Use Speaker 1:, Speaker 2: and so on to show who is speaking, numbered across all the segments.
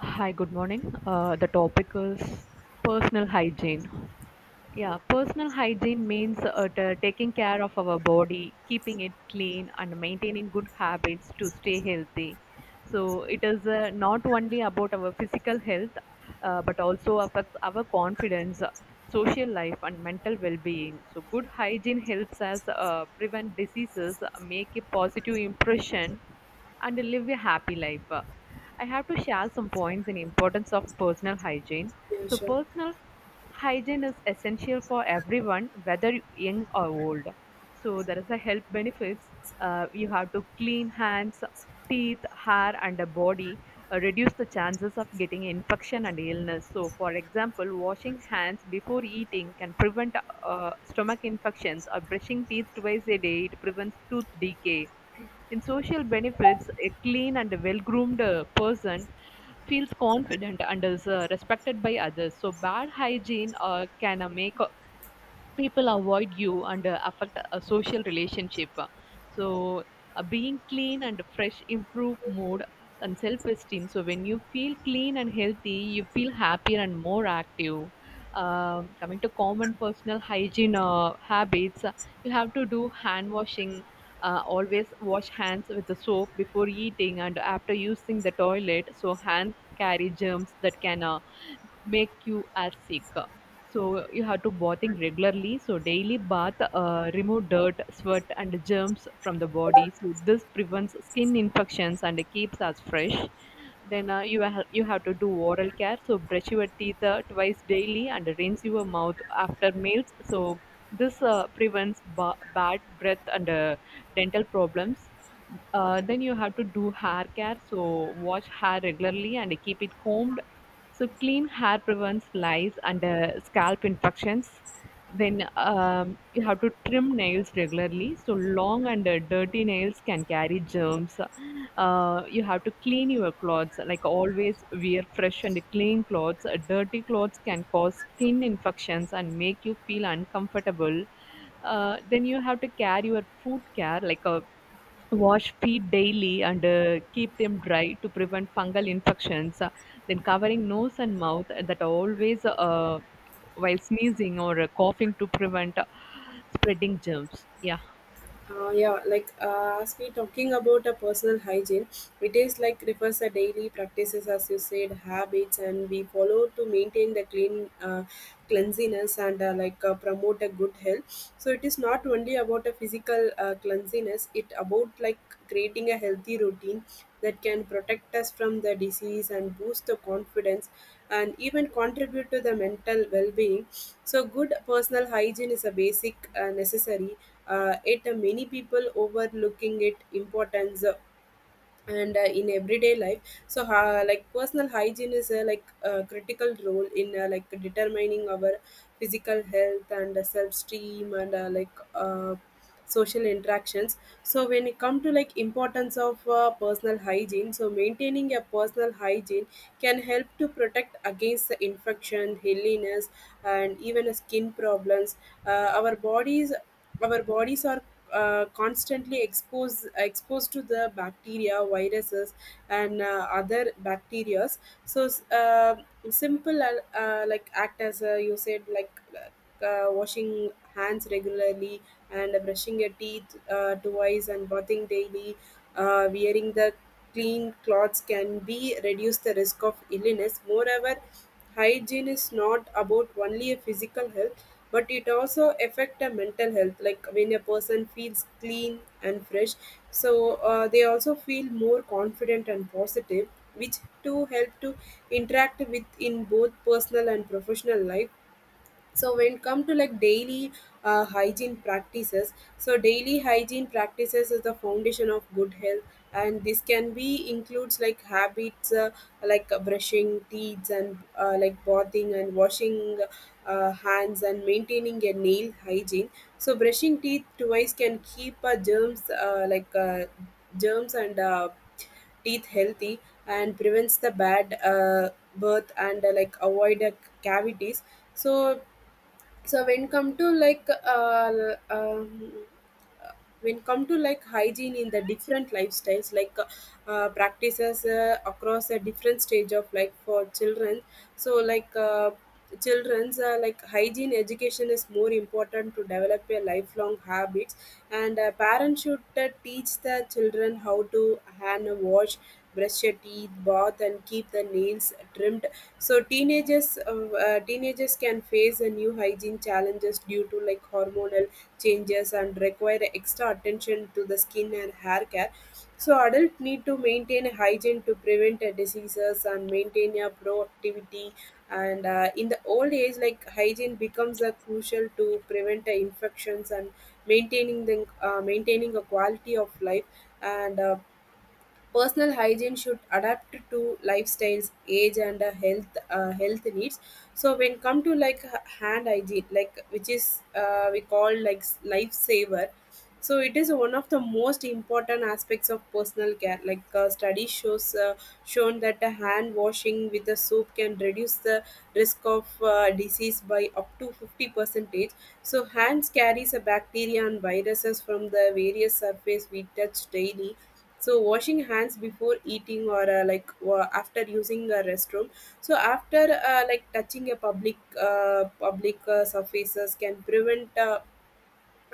Speaker 1: Hi, good morning. The topic is personal hygiene. Yeah, personal hygiene means taking care of our body, keeping it clean, and maintaining good habits to stay healthy. So, it is not only about our physical health, but also affects our confidence, social life, and mental well being. So, good hygiene helps us prevent diseases, make a positive impression, and live a happy life. I have to share some points in importance of personal hygiene.
Speaker 2: Yeah,
Speaker 1: So
Speaker 2: sure.
Speaker 1: personal hygiene is essential for everyone, whether young or old. So there is a health benefits. You have to clean hands, teeth, hair, and the body. Reduce the chances of getting infection and illness. So for example, washing hands before eating can prevent stomach infections, or brushing teeth twice a day it prevents tooth decay in social benefits, a clean and well-groomed person feels confident and is respected by others. So bad hygiene can make people avoid you and affect a social relationship. So, Being clean and fresh improve mood and self esteem. So, when you feel clean and healthy, you feel happier and more active. Coming to common personal hygiene habits, you have to do hand washing. Always wash hands with the soap before eating and after using the toilet so hands carry germs that can make you as sick, so you have to bathing regularly. So daily bath remove dirt sweat and germs from the body, so this prevents skin infections and keeps us fresh. Then you have to do oral care. So brush your teeth twice daily and rinse your mouth after meals. So this prevents bad breath and dental problems. Then you have to do hair care. So wash hair regularly and keep it combed. So clean hair prevents lice and scalp infections. Then you have to trim nails regularly. So long and dirty nails can carry germs. You have to clean your clothes. Like always, wear fresh and clean clothes. Dirty clothes can cause skin infections and make you feel uncomfortable. Then you have to carry your food care, like a wash feet daily and keep them dry to prevent fungal infections. Then covering nose and mouth that are always while sneezing or coughing to prevent spreading germs. Yeah.
Speaker 2: Yeah, like as we talking about a personal hygiene, it is like refers a daily practices as you said habits and we follow to maintain the clean cleanliness and like promote a good health. So it is not only about a physical cleanliness; it about like creating a healthy routine that can protect us from the disease and boost the confidence and even contribute to the mental well-being. So good personal hygiene is a basic necessary, it many people overlooking it importance and in everyday life. So like personal hygiene is like a critical role in like determining our physical health and self-esteem and like social interactions. So when it come to like importance of personal hygiene, so maintaining a personal hygiene can help to protect against the infection illness and even skin problems. uh, our bodies our bodies are constantly exposed to the bacteria, viruses, and other bacteria. So simple, like act as you said, like washing hands regularly and brushing your teeth twice and bathing daily, wearing the clean clothes can be reduce the risk of illness. Moreover, hygiene is not about only a physical health, but it also affect a mental health. Like when a person feels clean and fresh, so they also feel more confident and positive, which to help to interact with in both personal and professional life. So when it come to like daily hygiene practices, so daily hygiene practices is the foundation of good health, and this can be includes like habits, like brushing teeth and like bathing and washing hands and maintaining a nail hygiene. So brushing teeth twice can keep germs like germs and teeth healthy and prevents the bad birth and like avoid cavities. So so when come to like uh, um, when come to like hygiene in the different lifestyles, like practices across a different stage of life. For children, so children's like hygiene education is more important to develop a lifelong habits, and parents should teach the children how to hand wash, brush your teeth, bath, and keep the nails trimmed. So teenagers, teenagers can face a new hygiene challenges due to like hormonal changes and require extra attention to the skin and hair care. So adults need to maintain a hygiene to prevent diseases and maintain a proactivity. And in the old age, like hygiene becomes a crucial to prevent infections and maintaining a quality of life. And personal hygiene should adapt to lifestyles, age, and health health needs. So when come to like hand hygiene, like which is we call like lifesaver. So it is one of the most important aspects of personal care. Like study shows shown that the hand washing with the soap can reduce the risk of disease by up to 50 percentage. So hands carries a bacteria and viruses from the various surface we touch daily, so washing hands before eating or like after using a restroom, so after like touching a public surfaces can prevent uh,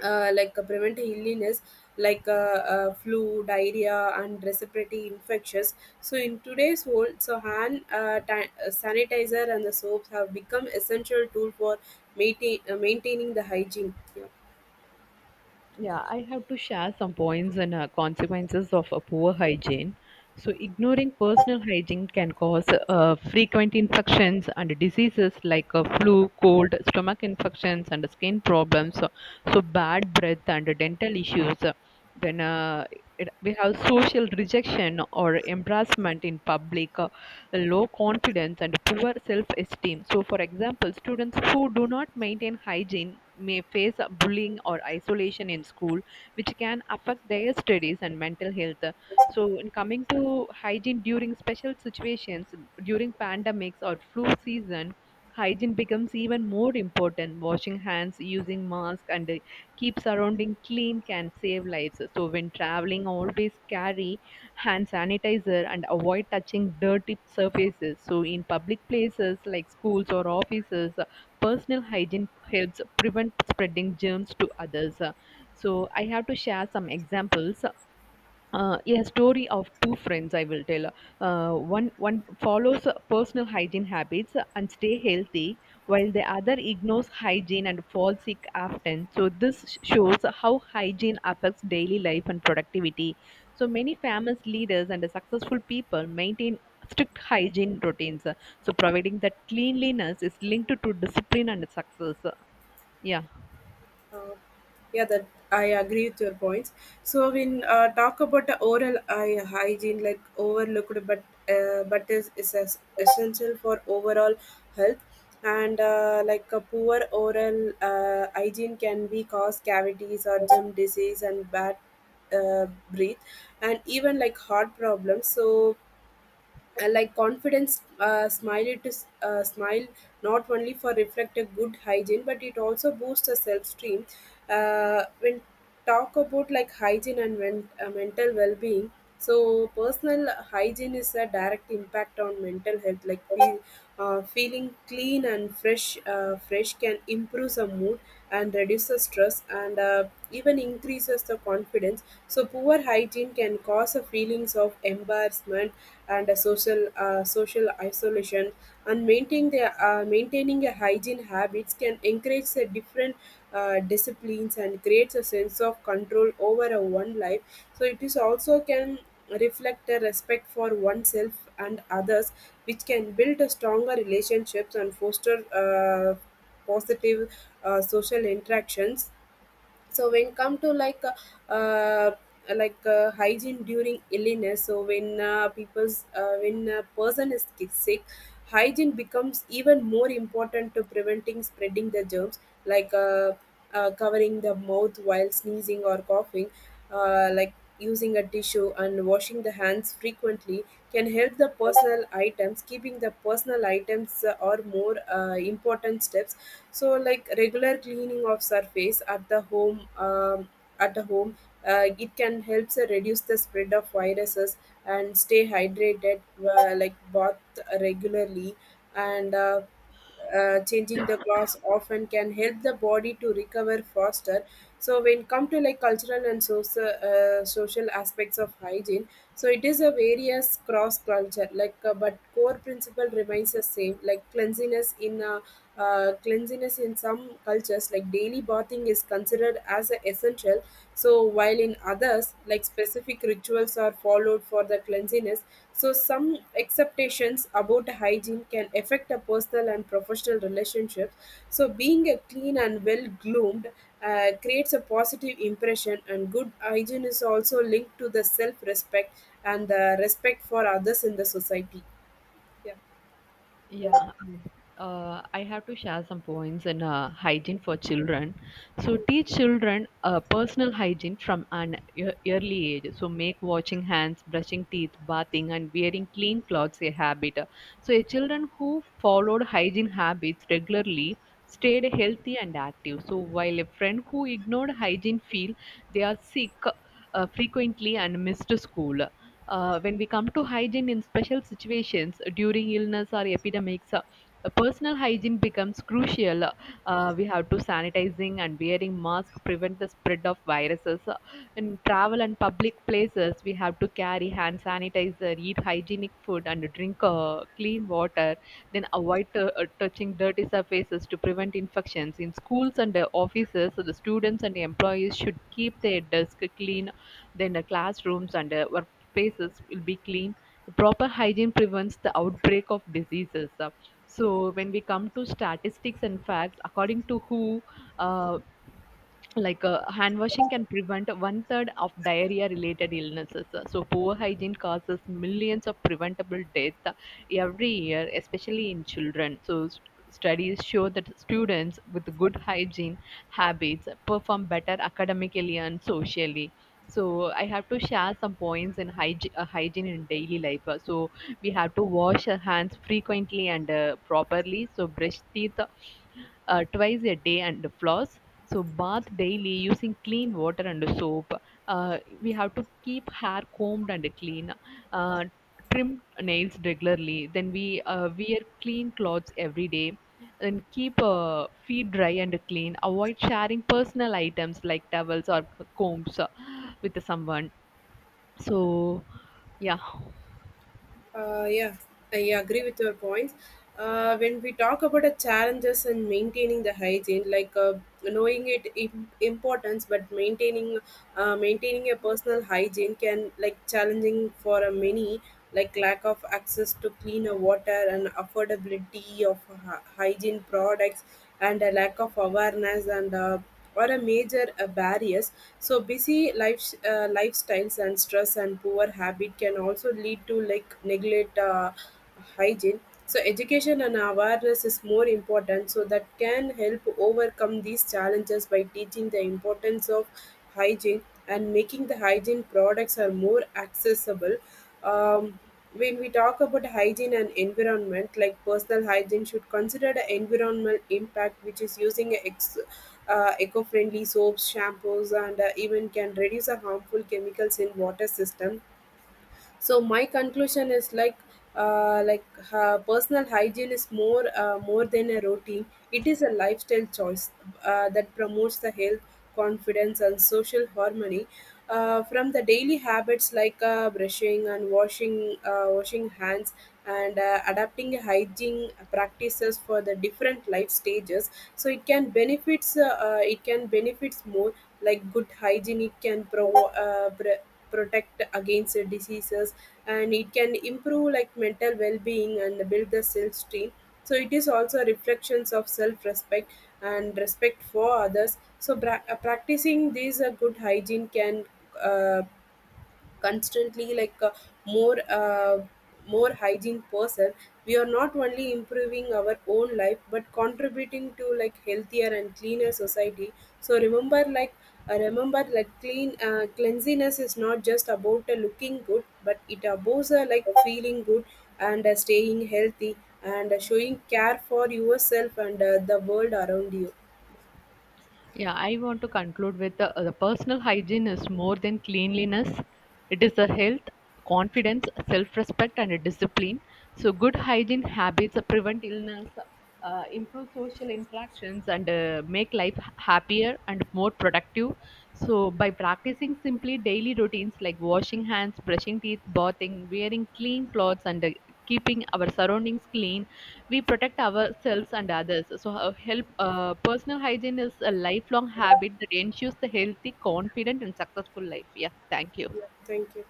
Speaker 2: uh, like prevent illness like flu, diarrhea, and respiratory infections. So in today's world, so hand sanitizer and the soaps have become essential tool for maintaining the hygiene, yeah.
Speaker 1: Yeah, I have to share some points and consequences of a poor hygiene. So, ignoring personal hygiene can cause frequent infections and diseases like flu, cold, stomach infections, and skin problems. So bad breath and dental issues. Then it, we have social rejection or embarrassment in public, low confidence and poor self-esteem. So, for example, students who do not maintain hygiene may face bullying or isolation in school, which can affect their studies and mental health. So, in coming to hygiene during special situations, during pandemics or flu season, hygiene becomes even more important. Washing hands, using masks, and keep surrounding clean can save lives. So, when traveling, always carry hand sanitizer, and avoid touching dirty surfaces. So, in public places like schools or offices, personal hygiene helps prevent spreading germs to others. So, I have to share some examples. A story of two friends I will tell. One follows personal hygiene habits and stay healthy, while the other ignores hygiene and falls sick often. So this shows how hygiene affects daily life and productivity. So many famous leaders and successful people maintain strict hygiene routines. So providing that cleanliness is linked to discipline and success. Yeah.
Speaker 2: Uh, yeah, that I agree with your points. So when talk about the oral eye hygiene, like overlooked, but is essential for overall health. And like a poor oral hygiene can be cause cavities or gum disease and bad breath, and even like heart problems. So like confidence smile, it is smile not only for reflect a good hygiene but it also boosts the self-esteem. When talk about like hygiene and mental well-being, so personal hygiene is a direct impact on mental health. Like we, feeling clean and fresh can improve the mood and reduce the stress and even increases the confidence. So poor hygiene can cause a feelings of embarrassment and a social isolation. And maintaining a hygiene habits can encourage the different disciplines and creates a sense of control over a one life. So it is also can reflect a respect for oneself and others, which can build a stronger relationships and foster positive social interactions. So when come to like hygiene during illness, so when people's when a person is sick, hygiene becomes even more important to preventing spreading the germs, like covering the mouth while sneezing or coughing, like using a tissue and washing the hands frequently can help the personal items. Keeping the personal items are more important steps. So like regular cleaning of surface at the home, at the home, it can help reduce the spread of viruses, and stay hydrated, like bath regularly, and changing the glass often can help the body to recover faster. So when come to like cultural and social aspects of hygiene, so it is a various cross culture like, but core principle remains the same, like cleanliness in, cleanliness in some cultures, like daily bathing is considered as a essential. So while in others, like specific rituals are followed for the cleanliness, so some expectations about hygiene can affect a personal and professional relationship. So, being a clean and well groomed creates a positive impression, and good hygiene is also linked to the self respect and the respect for others in the society. Yeah.
Speaker 1: Yeah, I have to share some points in hygiene for children. So teach children personal hygiene from an early age. So make washing hands, brushing teeth, bathing, and wearing clean clothes a habit. So a children who followed hygiene habits regularly stayed healthy and active. So while a friend who ignored hygiene feel they are sick frequently and missed school. When we come to hygiene in special situations during illness or epidemics, personal hygiene becomes crucial. We have to sanitizing and wearing mask prevent the spread of viruses. In travel and public places, we have to carry hand sanitizer, eat hygienic food, and drink clean water. Then avoid touching dirty surfaces to prevent infections. In schools and offices, the students and employees should keep their desk clean, then the classrooms and work spaces will be clean. Proper hygiene prevents the outbreak of diseases. So when we come to statistics and facts, according to WHO, uh, hand washing can prevent 1/3 of diarrhea related illnesses. So poor hygiene causes millions of preventable deaths every year, especially in children. So studies show that students with good hygiene habits perform better academically and socially. So I have to share some points in hygiene in daily life. So we have to wash our hands frequently and properly. So brush teeth twice a day and floss. So bath daily using clean water and soap. We have to keep hair combed and clean. Uh, Trim nails regularly. Then we wear clean clothes every day. Then keep feet dry and clean. Avoid sharing personal items like towels or combs with someone. So yeah.
Speaker 2: Yeah, I agree with your points. When we talk about the challenges in maintaining the hygiene, like knowing it importance, but maintaining a personal hygiene can like challenging for a many, like lack of access to cleaner water and affordability of hygiene products, and a lack of awareness and. Or a major barriers. So busy life, lifestyles and stress and poor habit can also lead to like neglect hygiene. So education and awareness is more important, so that can help overcome these challenges by teaching the importance of hygiene and making the hygiene products are more accessible. um, when we talk about hygiene and environment, like personal hygiene should consider the environmental impact, which is using eco-friendly soaps, shampoos, and even can reduce the harmful chemicals in water system. So my conclusion is like, like personal hygiene is more than a routine. It is a lifestyle choice that promotes the health, confidence, and social harmony. From the daily habits, like brushing and washing hands, and adapting hygiene practices for the different life stages, so it can benefits more. Like good hygiene, it can protect against diseases, and it can improve like mental well-being and build the self-esteem. So it is also reflections of self-respect and respect for others. So practicing these good hygiene can uh, constantly, like a more, more hygiene person, we are not only improving our own life but contributing to like healthier and cleaner society. So remember, like remember, like clean, cleanliness is not just about looking good but it about like feeling good, and staying healthy, and showing care for yourself and the world around you.
Speaker 1: Yeah, I want to conclude with the personal hygiene is more than cleanliness. It is the health, confidence, self respect, and a discipline. So, good hygiene habits prevent illness, improve social interactions, and make life happier and more productive. So, by practicing simply daily routines like washing hands, brushing teeth, bathing, wearing clean clothes, and keeping our surroundings clean, we protect ourselves and others. So, help Personal hygiene is a lifelong habit that ensures the healthy, confident, and successful life. Yeah, thank you.
Speaker 2: Yeah, thank you.